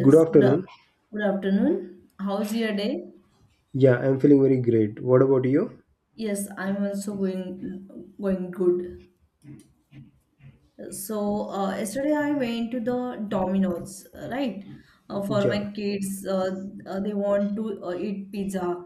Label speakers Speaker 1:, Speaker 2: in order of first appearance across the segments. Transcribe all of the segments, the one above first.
Speaker 1: Good
Speaker 2: good,
Speaker 1: afternoon.
Speaker 2: good afternoon. How's your day?
Speaker 1: Yeah, I'm feeling very great. What about you?
Speaker 2: Yes, I'm also going good. So yesterday I went to the Domino's, right? For
Speaker 1: Yeah.
Speaker 2: my kids, they want to eat pizza,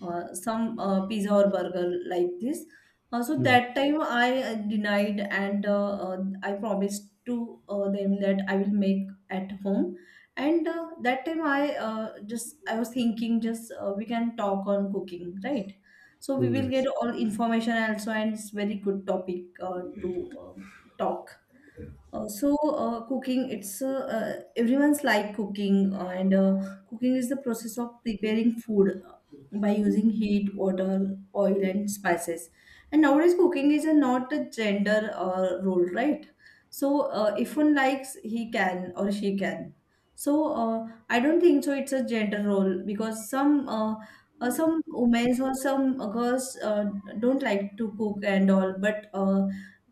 Speaker 2: some pizza or burger like this. So
Speaker 1: Hmm.
Speaker 2: that time I denied, and I promised to them that I will make at home. And that time I was thinking, just we can talk on cooking, right? So we
Speaker 1: Hmm,
Speaker 2: will get
Speaker 1: yes.
Speaker 2: all information also, and it's very good topic to talk. Cooking, it's everyone's like cooking and cooking is the process of preparing food by using heat, water, oil, and spices. And nowadays, cooking is a not a gender role, right? So if one likes, he can or she can. So I don't think so it's a gender role, because some women or some girls don't like to cook and all, but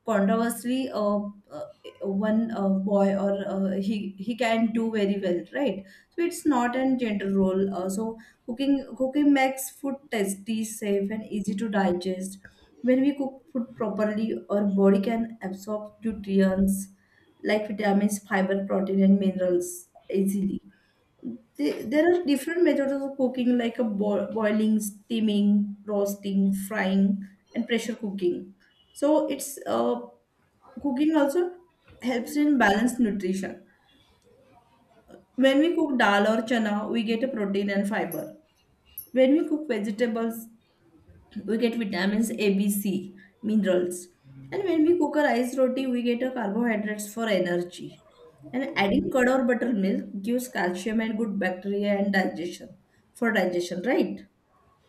Speaker 2: conversely, uh, one boy or he can do very well, right? So it's not a gender role. Cooking makes food tasty, safe, and easy to digest. When we cook food properly, our body can absorb nutrients like vitamins, fiber, protein, and minerals easily. There are different methods of cooking, like a boiling, steaming, roasting, frying, and pressure cooking. So it's Cooking also helps in balanced nutrition. When we cook dal or chana, we get a protein and fiber. When we cook vegetables, we get vitamins A, B, C, minerals. And when we cook a rice roti, we get a carbohydrates for energy. And adding curd or buttermilk gives calcium and good bacteria and digestion for digestion, right?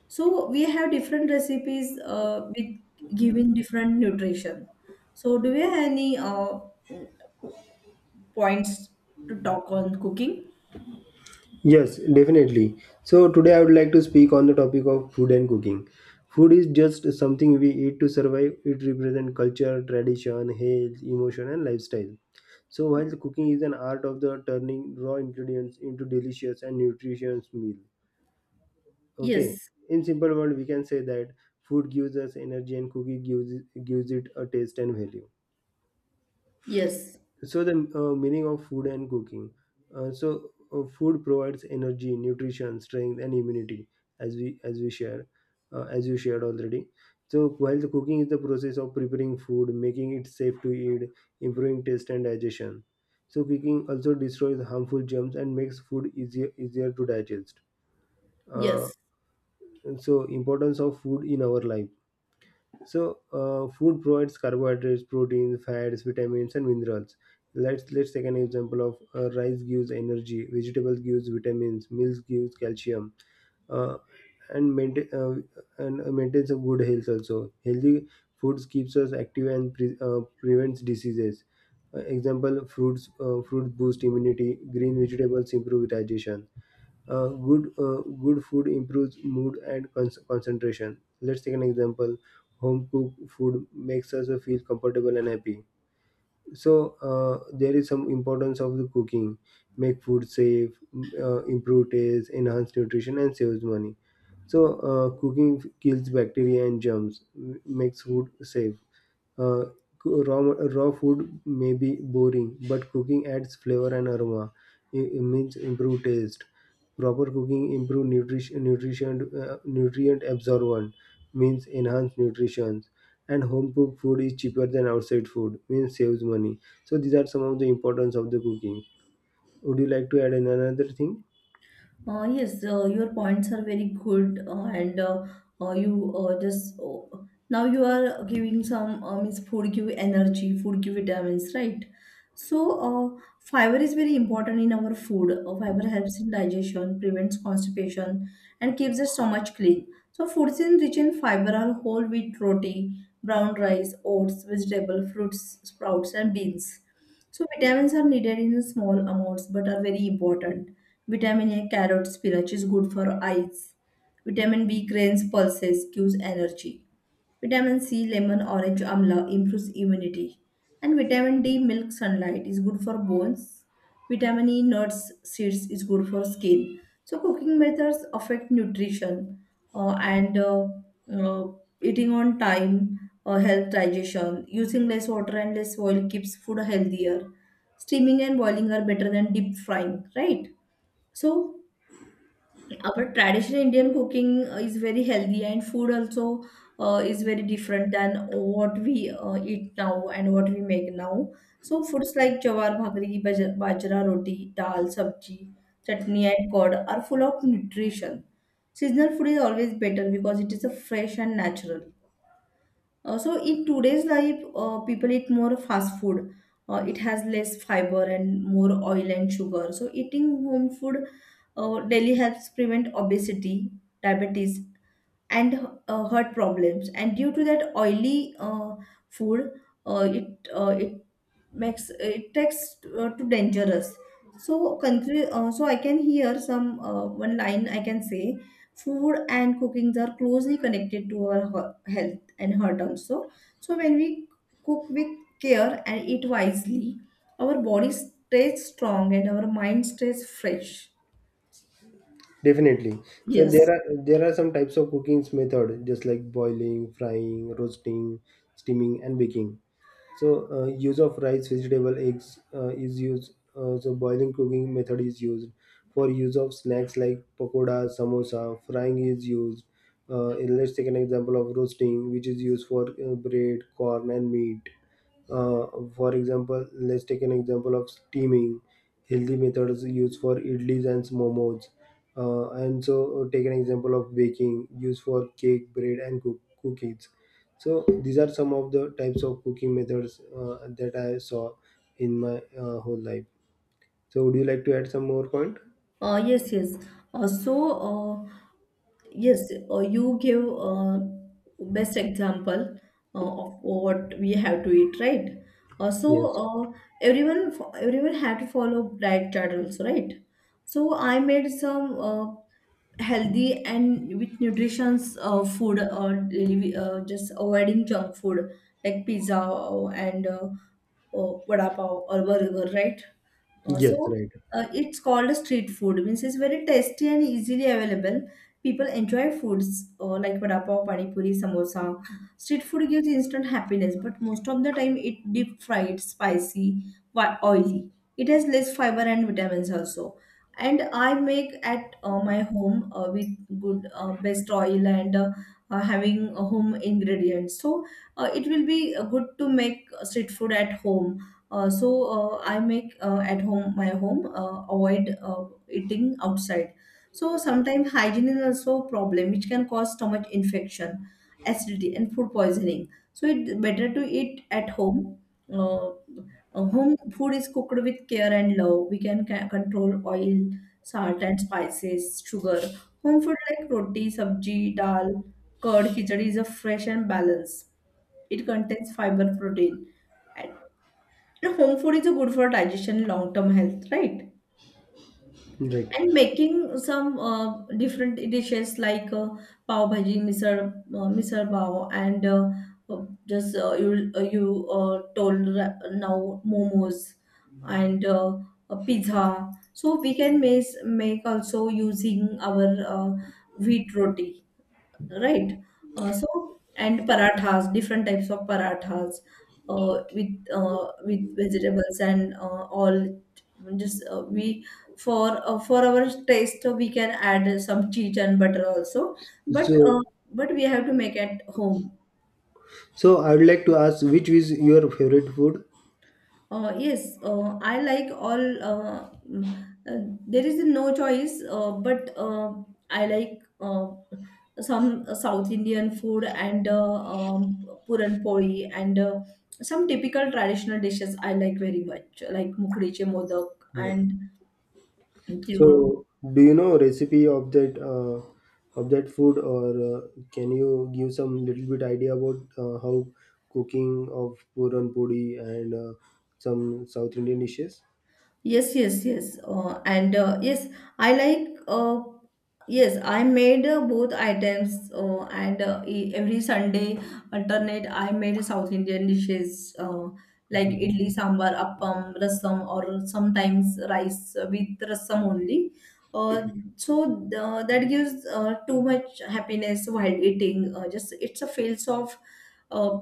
Speaker 2: So we have different recipes with giving different nutrition. So do you have any points to talk on cooking?
Speaker 1: Yes, definitely. So today I would like to speak on the topic of food and cooking. Food is just something we eat to survive. It represents culture, tradition, health, emotion, and lifestyle. So while cooking is an art of the turning raw ingredients into delicious and nutritious meal. Okay.
Speaker 2: Yes,
Speaker 1: In simple word, we can say that food gives us energy and cooking gives it a taste and value.
Speaker 2: yes,
Speaker 1: So the meaning of food and cooking. Food provides energy, nutrition, strength, and immunity, as we as we share as you shared already. So while the cooking is the process of preparing food, making it safe to eat, improving taste and digestion. So cooking also destroys harmful germs and makes food easier to digest. uh,
Speaker 2: yes.
Speaker 1: so importance of food in our life. Food provides carbohydrates, proteins, fats, vitamins, and minerals. Let's take an example of rice gives energy, vegetables gives vitamins, milk gives calcium, uh, and maintains a good health also. Healthy foods keeps us active and prevents diseases. Example: fruits boost immunity, green vegetables improve digestion, good food improves mood and concentration. Let's take an example, home cooked food makes us feel comfortable and happy. So there is some importance of the cooking: make food safe, improve taste, enhance nutrition, and saves money. So cooking kills bacteria and germs, makes food safe. Uh, coo- raw, raw food may be boring, but cooking adds flavor and aroma. It means improve taste. Proper cooking improve nutrient absorption, means enhance nutrition. And home cooked food is cheaper than outside food, means saves money. So these are some of the importance of the cooking. Would you like to add in another thing?
Speaker 2: Yes, your points are very good, and you just now you are giving some, means food give energy, food give vitamins, right? So, fiber is very important in our food. Fiber helps in digestion, prevents constipation, and keeps the stomach clean. So, foods in rich in fiber are whole wheat roti, brown rice, oats, vegetable, fruits, sprouts, and beans. So vitamins are needed in small amounts but are very important. Vitamin A, carrot, spinach is good for eyes. Vitamin B, grains, pulses, gives energy. Vitamin C, lemon, orange, amla improves immunity. And vitamin D, milk, sunlight is good for bones. Vitamin E, nuts, seeds is good for skin. So cooking methods affect nutrition, and uh, eating on time or help digestion. Using less water and less oil keeps food healthier. Steaming and boiling are better than deep frying, right? So, our traditional Indian cooking is very healthy, and food also is very different than what we eat now, and what we make now. So, foods like jawar bhakri, bajra roti, dal, sabji, chutney, and curd are full of nutrition. Seasonal food is always better because it is a fresh and natural. So in today's life, people eat more fast food. It has less fiber and more oil and sugar. So eating home food daily helps prevent obesity, diabetes, and heart problems. And due to that oily food, it makes it takes too dangerous. So I can hear some, one line I can say: food and cookings are closely connected to our health and heart also. So when we cook with care and eat wisely, our body stays strong and our mind stays fresh.
Speaker 1: Definitely. So
Speaker 2: Yes.
Speaker 1: there are some types of cooking method, just like boiling, frying, roasting, steaming, and baking. So use of rice, vegetable, eggs is used. So boiling cooking method is used for use of snacks like pakoda, samosa. Frying is used. And let's take an example of roasting, which is used for bread, corn, and meat. Uh, for example, let's take an example of steaming. Healthy methods used for idlis and momos. Take an example of baking, used for cake, bread, and cookies. So these are some of the types of cooking methods that I saw in my whole life. So would you like to add some more point?
Speaker 2: Yes, yes uh, so uh, Yes, you give best example of what we have to eat, right? Uh, so
Speaker 1: Yes.
Speaker 2: uh, everyone had to follow diet chart rules, right? So I made some healthy and with nutrition's food or delivery, just avoiding junk food like pizza and vada pav or burger, right? Uh,
Speaker 1: Yes,
Speaker 2: so
Speaker 1: right,
Speaker 2: it's called a street food. Means it's very tasty and easily available. People enjoy foods like vada pav, pani puri, samosa. Street food gives instant happiness, but most of the time it deep fried, spicy, oily. It has less fiber and vitamins also. And I make at my home with good best oil and having home ingredients. So it will be good to make street food at home. I make at home, avoid eating outside. So sometimes hygiene is also a problem which can cause stomach infection, acidity, and food poisoning. So it's better to eat at home. Uh, Home food is cooked with care and love. We can control oil, salt, and spices, sugar. Home food like roti, sabji, dal, curd, khichdi is a fresh and balanced. It contains fiber, protein, and home food is a good for digestion, long-term health, right? And
Speaker 1: right.
Speaker 2: making some different dishes like pav bhaji, misal, misal pav, and uh, just you told now momos and a pizza. So we can make also, using our wheat roti, right? So and parathas, different types of parathas with vegetables and all. Just we, for our taste, so we can add some cheese and butter also. But uh,
Speaker 1: So
Speaker 2: but we have to make at home.
Speaker 1: so I would like to ask, which is your favorite food?
Speaker 2: Yes, I like all. There is no choice, but I like some South Indian food, and puran poli, and some typical traditional dishes I like very much, like mukdiche modak
Speaker 1: Yeah.
Speaker 2: and tilgur.
Speaker 1: So do you know recipe of that food, or can you give some little bit idea about how cooking of puran puri and some South Indian dishes?
Speaker 2: Yes, yes, yes. And Yes, I like. Yes, I made both items. And Every Sunday alternate, I made South Indian dishes like
Speaker 1: Mhm.
Speaker 2: idli, sambar, appam, rasam, or sometimes rice with rasam only. Uh, that gives too much happiness while eating. Just it's a feels of, uh,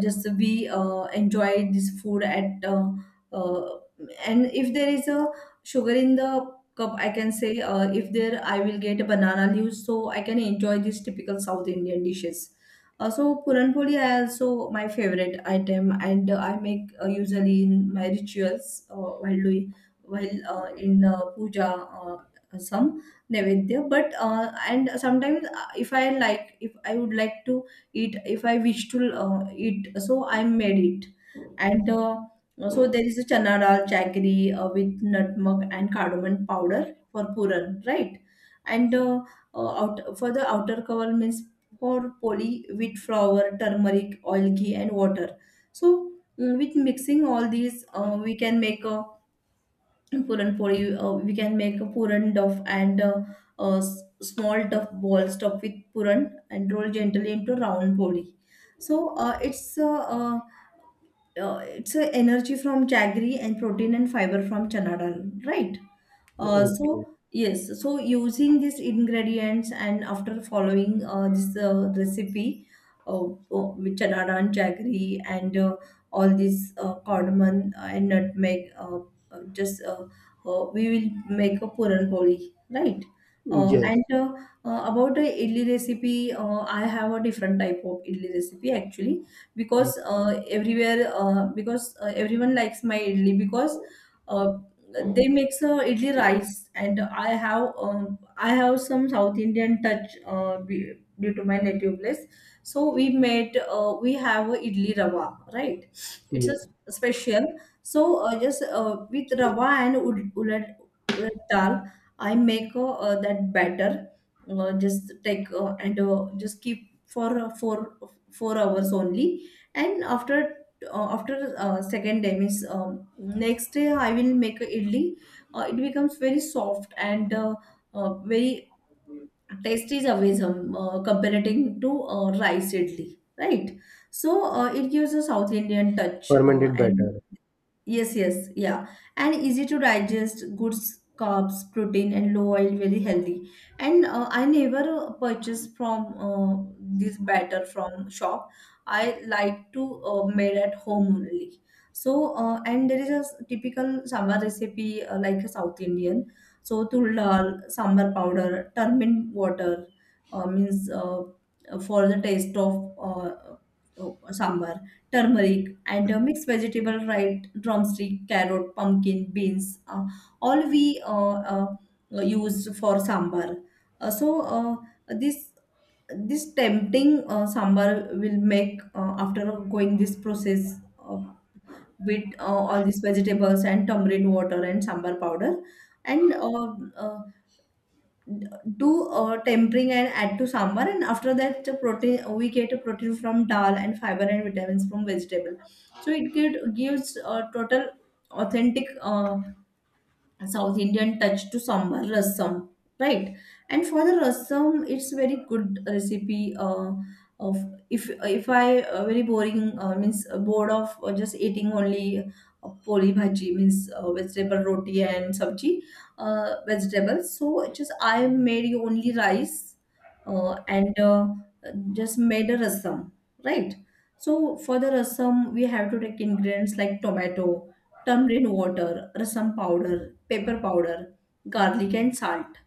Speaker 2: just we enjoy this food at. Uh, and if there is a sugar in the cup, I can say if there I will get a banana leaves, so I can enjoy these typical South Indian dishes. Also, puran poli I also my favorite item, and I make usually in my rituals, while in puja, some nevedya. But and sometimes, if I would like to eat, if I wish to eat, so I made it and. So there is a chana dal chakri with nutmeg and cardamom powder for puran, right? And for the outer cover means for poli: wheat flour, turmeric, oil, ghee, and water. So, with mixing all these, we can make a puran poli. We can make a puran duff, and small duff ball stuffed with puran and roll gently into round poli. So, it's a energy from jaggery, and protein and fiber from chana dal, right? So,
Speaker 1: Okay.
Speaker 2: yes, so using these ingredients and after following this recipe, with chana dal, jaggery, and all these, cardamom and nutmeg, just we will make a puran poli, right?
Speaker 1: Yes.
Speaker 2: And About the idli recipe, I have a different type of idli recipe actually, because everywhere because everyone likes my idli. Because uh, they makes a idli rice, and I have some South Indian touch due to my native place. So we have a idli rava, right? It's a
Speaker 1: Yes.
Speaker 2: special. So, just with rava and ulad dal, I make that batter. Just take, and just keep for four hours only. And after second day, means next day I will make a idli. It becomes very soft and very tasty, is always comparing to rice idli, right? So, it gives a South Indian touch,
Speaker 1: Fermented
Speaker 2: and
Speaker 1: batter.
Speaker 2: Yes, yes, yeah. And easy to digest, good carbs, protein, and low oil, very healthy. And I never purchase from this batter from shop. I like to made at home only. So, and there is a typical sambar recipe like a South Indian. So, tul dal, sambar powder, turmeric water, means for the taste of sambar, turmeric, and mixed vegetable, right? Drumstick, carrot, pumpkin, beans, all we use for sambar. So uh, this this tempting sambar will make after going this process, uh, with all these vegetables and tamarind water and sambar powder, and uh, do tempering and add to sambar. And after that, the protein, we get a protein from dal, and fiber and vitamins from vegetable. So it gives a total authentic South Indian touch to sambar rasam, right? And for the rasam, it's very good recipe. Of If I very boring means bored of just eating only poli bhaji, means vegetable roti and sabji, vegetables. So just I made only rice, and just made a rasam, right? So for the rasam, we have to take ingredients like tomato, tamarind water, rasam powder, pepper powder, garlic, and salt.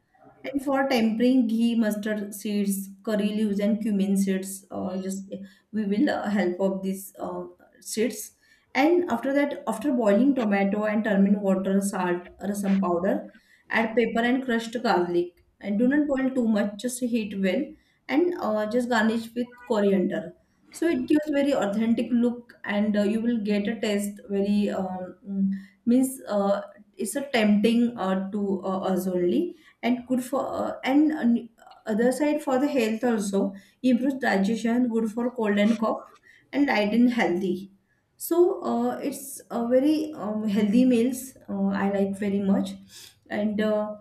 Speaker 2: And for tempering, ghee, mustard seeds, curry leaves, and cumin seeds, just we will help of these seeds. And after that, after boiling tomato and turmeric water, salt, rasam powder, add pepper and crushed garlic. And do not boil too much; just heat well, and just garnish with coriander. So it gives very authentic look, and you will get a taste very mm, means it's a tempting to us only, and good for, and other side for the health also. Improves digestion, good for cold and cough, and light and healthy. So it's a very healthy meals, I like very much. And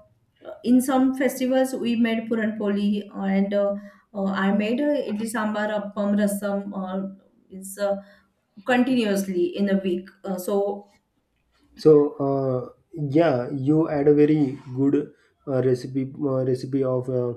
Speaker 2: in some festivals we made puran poli, and I made idli, sambar, appam, rasam, it's continuously in a week, so.
Speaker 1: So yeah, you add a very good recipe, recipe of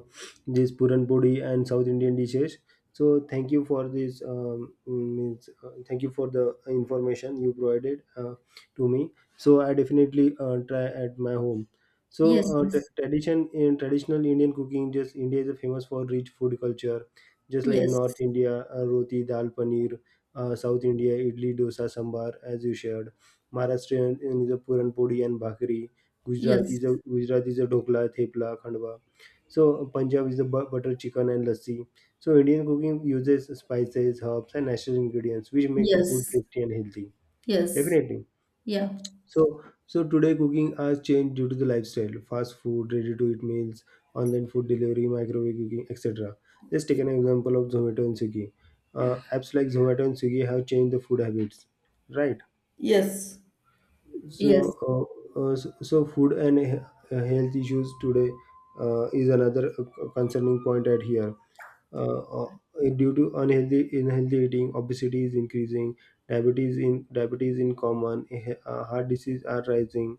Speaker 1: this puran podi and South Indian dishes. So thank you for this. Means thank you for the information you provided to me. So I definitely try at my home. So
Speaker 2: Yes,
Speaker 1: uh, t-
Speaker 2: yes,
Speaker 1: tradition in traditional Indian cooking, just India is famous for rich food culture, just like
Speaker 2: yes.
Speaker 1: North India, roti, dal, paneer, South India, idli, dosa, sambar, as you shared. Maharashtrian is a puranpodi and bhakri. Gujarat
Speaker 2: Yes,
Speaker 1: is a Gujarat is a dokla, thepla, khandwa. So Punjab is a butter chicken and lassi. So Indian cooking uses spices, herbs, and natural ingredients, which make a food
Speaker 2: yes,
Speaker 1: tasty and healthy.
Speaker 2: yes,
Speaker 1: Definitely.
Speaker 2: yeah.
Speaker 1: So today cooking has changed due to the lifestyle, fast food, ready-to-eat meals, online food delivery, microwave cooking, etc. Let's take an example of Zomato and Swiggy. Apps like Zomato and Swiggy have changed the food habits, right?
Speaker 2: Yes.
Speaker 1: So,
Speaker 2: Yes,
Speaker 1: so, food and health issues today is another concerning point at here. Uh, uh, Due to unhealthy eating, obesity is increasing, diabetes in common, heart disease are rising.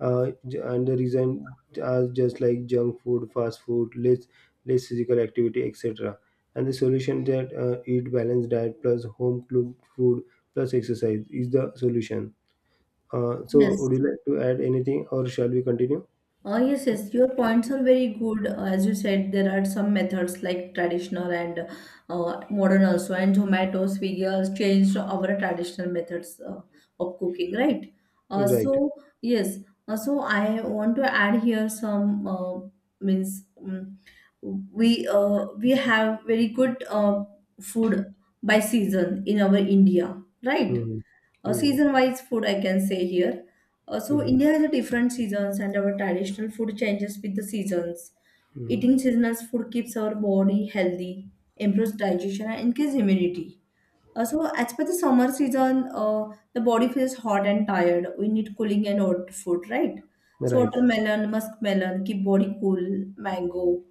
Speaker 1: And the reason are just like junk food, fast food, less physical activity, etc. And the solution, that eat balanced diet plus home cooked food plus exercise is the solution. So
Speaker 2: yes.
Speaker 1: would you like to add anything, or shall we continue?
Speaker 2: Oh, yes, yes. Your points are very good. As you said, there are some methods like traditional and modern also, and Zomato, Swiggy has changed our traditional methods of cooking, right? Uh,
Speaker 1: Right.
Speaker 2: so yes. So I want to add here some, means we have very good food by season in our India, right?
Speaker 1: Hmm. Hmm.
Speaker 2: Season wise food I can say here. So
Speaker 1: Hmm.
Speaker 2: India has a different seasons, and our traditional food changes with the seasons.
Speaker 1: Hmm.
Speaker 2: Eating seasonal food keeps our body healthy, improves digestion, and increases immunity. So, as per the summer season, the body feels hot and tired. We need cooling and hot food, right? So
Speaker 1: Right.
Speaker 2: watermelon, muskmelon keep body cool. Mango,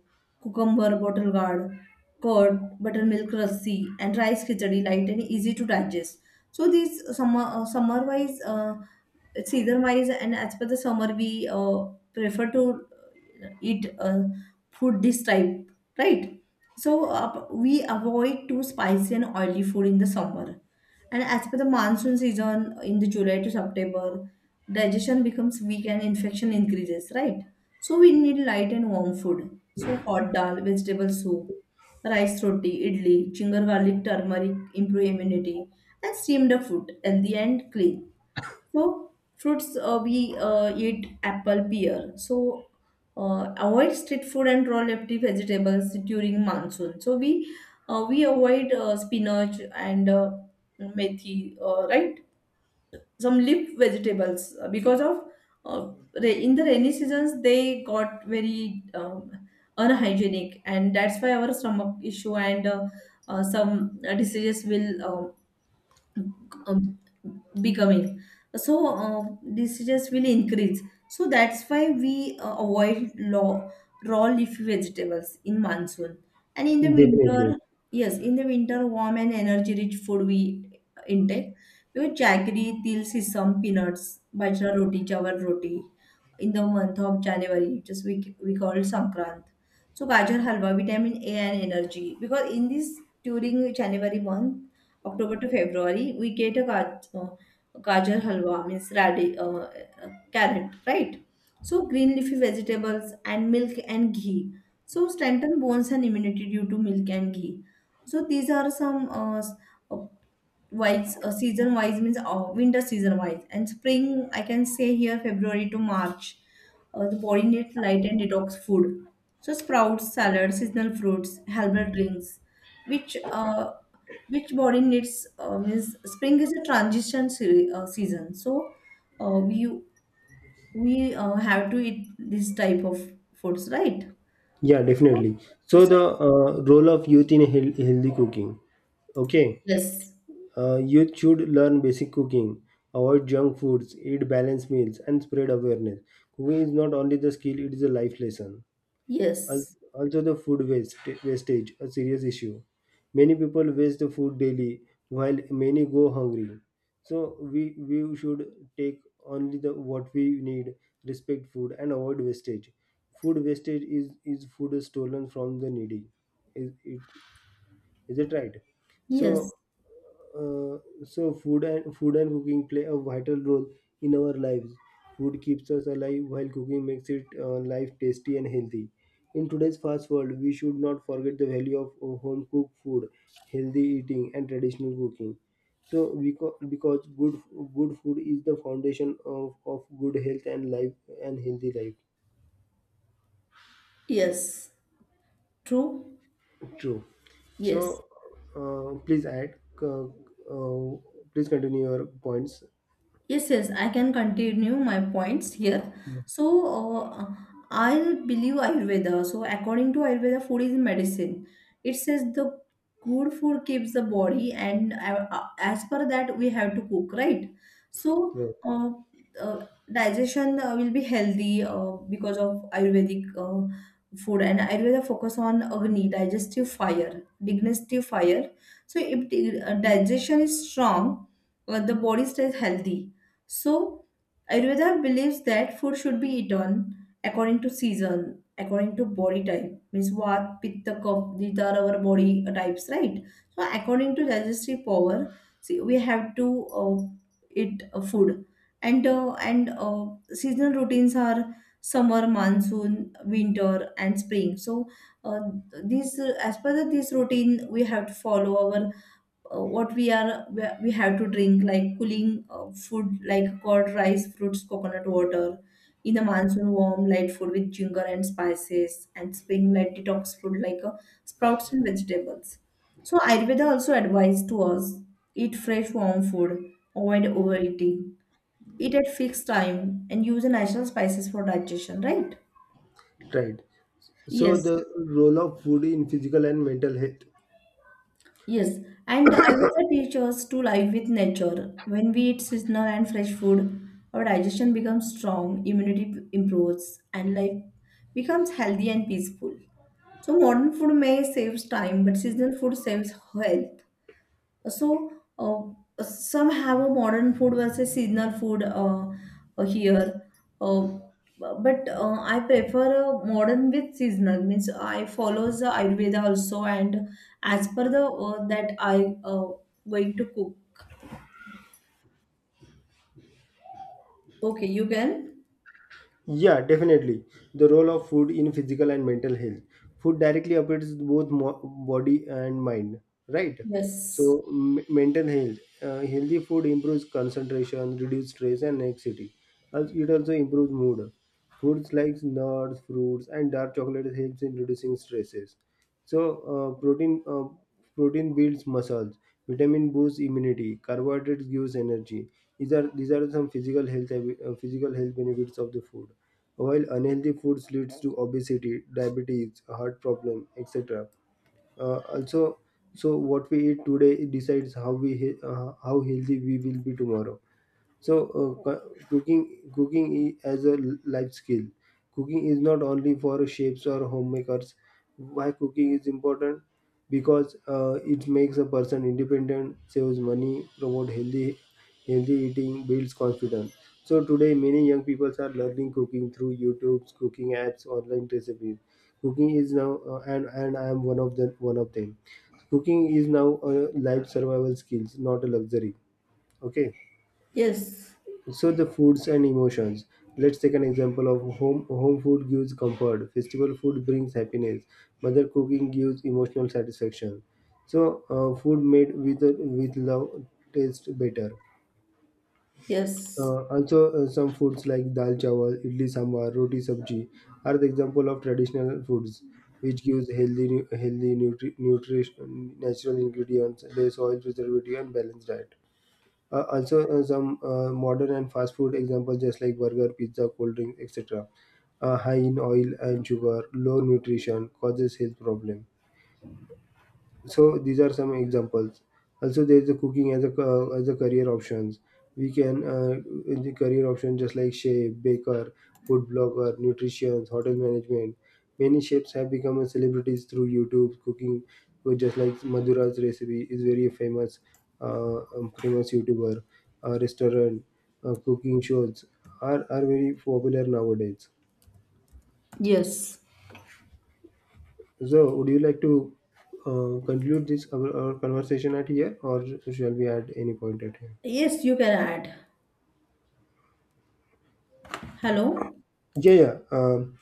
Speaker 2: cucumber, bottle gourd, curd, buttermilk lassi, and rice khichdi light and easy to digest. So these summer, summer wise, season wise, and as per the summer, we prefer to eat food this type, right? So we avoid too spicy and oily food in the summer. And as per the monsoon season, in the July to September, digestion becomes weak and infection increases, right? So we need light and warm food. So hot dal, vegetable soup, rice, roti, idli, ginger, garlic, turmeric improve immunity, and steamed up food healthy and clean. So fruits, we eat apple, pear. So avoid street food and raw leafy vegetables during monsoon. So we avoid spinach and methi, right? Some leaf vegetables, because of uh, in the rainy seasons they got very unhygienic, and that's why our stomach issue, and some diseases will um, becoming, so uh, diseases will increase. So that's why we avoid raw leafy vegetables in monsoon. And in the
Speaker 1: Definitely.
Speaker 2: winter, yes, in the winter, warm and energy rich food we intake. Because jaggery, til, sesame, peanuts, bajra roti, jawar roti. In the month of January, just we call it Sankrant. So gajar halwa, vitamin A and energy. Because in this during January month, October to February, we get a gajar halwa, means radi, carrot, right? So green leafy vegetables and milk and ghee. So strengthen bones and immunity due to milk and ghee. So these are some uh, wise, season wise, means winter season wise. And spring I can say here February to March. The body needs light and detox food. So sprouts, salads, seasonal fruits, herbal drinks, which uh, which body needs, means spring is a transition season, so uh, we we have to eat this type of foods, right?
Speaker 1: Yeah,
Speaker 2: So.
Speaker 1: definitely. So
Speaker 2: So
Speaker 1: the role of youth in healthy cooking. Okay.
Speaker 2: yes,
Speaker 1: Youth should learn basic cooking, avoid junk foods, eat balanced meals, and spread awareness. Cooking is not only the skill; it is a life lesson. Al-
Speaker 2: yes,
Speaker 1: Also, the wastage, a serious issue. Many people waste the food daily, while many go hungry. So we we should take only the what we need, respect food, and avoid wastage. Food wastage is food stolen from the needy. It is, it right?
Speaker 2: yes,
Speaker 1: So, uh, so, food and cooking play a vital role in our lives. Food keeps us alive while cooking makes it life tasty and healthy. In today's fast world, we should not forget the value of home cooked food, healthy eating, and traditional cooking. So, because good food is the foundation of good health and life and healthy life.
Speaker 2: yes, true,
Speaker 1: True.
Speaker 2: yes.
Speaker 1: So, Please add. Uh, uh, Please continue your points.
Speaker 2: Yes, yes, I can continue my points here. So, uh, I believe Ayurveda. So, according to Ayurveda, food is medicine. It says the good food keeps the body, and as per that, we have to cook, right? So,
Speaker 1: Right.
Speaker 2: uh, uh, digestion will be healthy because of Ayurvedic food. And Ayurveda focus on Agni, digestive fire, digestive fire. So, if the, digestion is strong, the body stays healthy, so Ayurveda believes that food should be eaten according to season, according to body type, means what, pitta, kapha, these are our body types, right? So, according to digestive power, see, we have to eat food. And seasonal routines are summer, monsoon, winter, and spring. So, uh, these, as per the, this routine, we have to follow our, what we are, we have to drink like cooling food like curd, rice, fruits, coconut water. In the monsoon, warm light food with ginger and spices. And spring light detox food like sprouts and vegetables. So Ayurveda also advised to us: eat fresh warm food, avoid overeating, eat at fixed time, and use the natural spices for digestion, right?
Speaker 1: Right. So
Speaker 2: Yes.
Speaker 1: the role of food in physical and mental health.
Speaker 2: Yes, and Ayurveda teaches us to live with nature. When we eat seasonal and fresh food, our digestion becomes strong, immunity improves, and life becomes healthy and peaceful. So modern food may saves time, but seasonal food saves health. So some have a modern food versus seasonal food, here. Uh, but I prefer a modern with seasonal. Means I follows the Ayurveda also, and as per the, that I going to cook. Okay, you can.
Speaker 1: Yeah, definitely. The role of food in physical and mental health. Food directly affects both body and mind, right?
Speaker 2: Yes,
Speaker 1: So, mental health. Healthy food improves concentration, reduces stress, and anxiety. It also improves mood. Foods like nuts, fruits, and dark chocolate helps in reducing stresses. So, uh, protein uh, protein builds muscles. Vitamin boosts immunity. Carbohydrates gives energy. These are some physical health physical health benefits of the food, while unhealthy foods leads to obesity, diabetes, heart problem, etc. Also, so what we eat today decides how healthy we will be tomorrow. Cooking as a life skill, cooking is not only for chefs or homemakers. Why cooking is important? Because it makes a person independent, saves money, promote healthy eating, builds confidence. So today many young people are learning cooking through YouTube's, cooking apps, online recipes. Cooking is now, and I am one of them. Cooking is now a life survival skills, not a luxury. Okay.
Speaker 2: yes,
Speaker 1: So the foods and emotions. Let's take an example of home. Home food gives comfort. Festival food brings happiness. Mother cooking gives emotional satisfaction. So food made with love tastes better.
Speaker 2: yes,
Speaker 1: Also, some foods like dal chawal, idli sambar, roti sabji are the example of traditional foods, which gives healthy, nutrition, natural ingredients, less oil preservative, and balanced diet. Also, some modern and fast food examples, just like burger, pizza, cold drink, etc., high in oil and sugar, low nutrition, causes health problem. So these are some examples. Also, there is a cooking as a career options. We can, in the career option, just like chef, baker, food blogger, nutrition, hotel management. Many chefs have become a celebrities through YouTube cooking. So just like Madhura's recipe is very famous, famous YouTuber, restaurant, cooking shows are very popular nowadays.
Speaker 2: yes,
Speaker 1: So, would you like to conclude this our conversation at here, or shall we add any point at here?
Speaker 2: yes. You can add. Hello.
Speaker 1: Yeah, yeah. Um,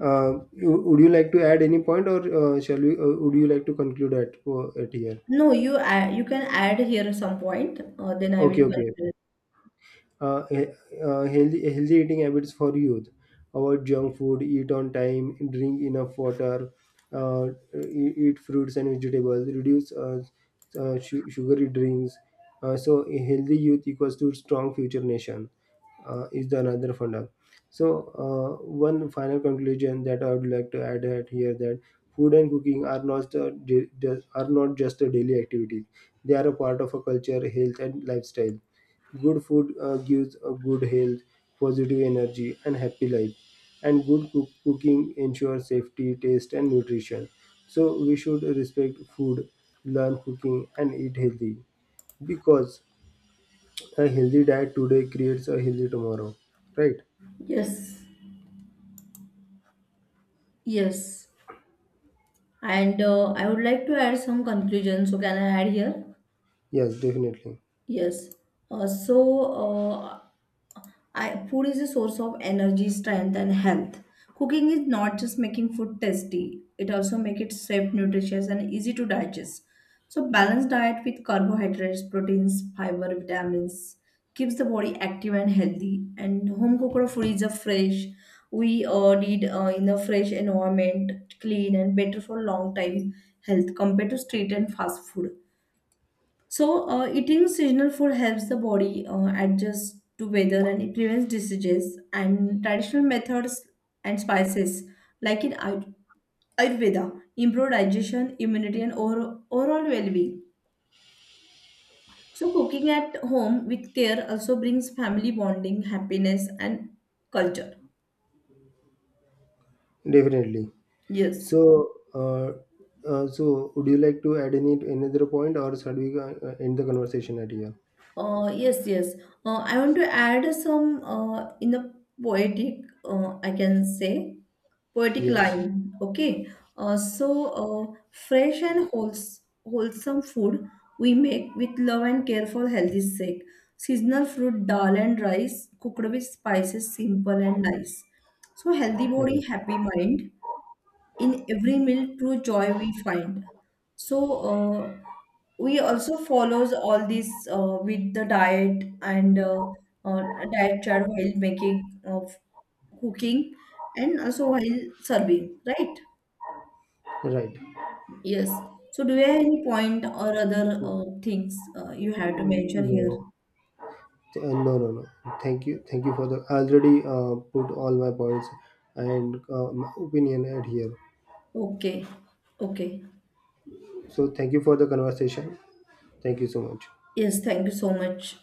Speaker 1: uh, you, Would you like to add any point, or shall we? Would you like to conclude at here?
Speaker 2: No, you add. You can add here some point. Then I will
Speaker 1: Okay, okay.
Speaker 2: conclude.
Speaker 1: uh, he- healthy eating habits for youth: avoid junk food, eat on time, drink enough water, uh, eat fruits and vegetables, reduce sugary drinks. So a healthy youth equals to strong future nation is the another funda. So, one final conclusion that I would like to add at here, that food and cooking are not just a daily activity; they are a part of a culture, health, and lifestyle. Good food gives a good health, positive energy, and happy life. And good cooking ensures safety, taste, and nutrition. So we should respect food, learn cooking, and eat healthy, because a healthy diet today creates a healthy tomorrow. Right?
Speaker 2: Yes, yes. And I would like to add some conclusion. So, can I add here?
Speaker 1: Yes, definitely,
Speaker 2: Yes. So, uh, food is a source of energy, strength, and health. Cooking is not just making food tasty; it also makes it safe, nutritious, and easy to digest. So, balanced diet with carbohydrates, proteins, fiber, vitamins keeps the body active and healthy. And home cooked food is a fresh. We did in a fresh environment, clean and better for long time health compared to street and fast food. So, eating seasonal food helps the body adjust to weather, and it prevents diseases. And traditional methods and spices, like in Ayurveda, improve digestion, immunity, and overall well being. So, cooking at home with care also brings family bonding, happiness, and culture.
Speaker 1: definitely.
Speaker 2: Yes.
Speaker 1: So, would you like to add any another point, or shall we end the conversation at here?
Speaker 2: Yes, yes. I want to add some in the poetic, I can say. Poetic line.
Speaker 1: Yes.
Speaker 2: Okay. uh, so uh, Fresh and wholesome food we make with love and care for healthy sake. Seasonal fruit, dal, and rice cooked with spices, simple and nice. So healthy body,
Speaker 1: Right.
Speaker 2: happy mind. In every meal true joy we find. So uh, we also follows all this with the diet and uh, diet chart while making of cooking, and also while serving, right?
Speaker 1: Right.
Speaker 2: Yes. So do you have any point or other things you have to mention here?
Speaker 1: No. No, no, no. Thank you. Thank you for the. I already put all my points and my opinion at here.
Speaker 2: Okay. Okay.
Speaker 1: So thank you for the conversation. Thank you so much.
Speaker 2: Yes, thank you so much.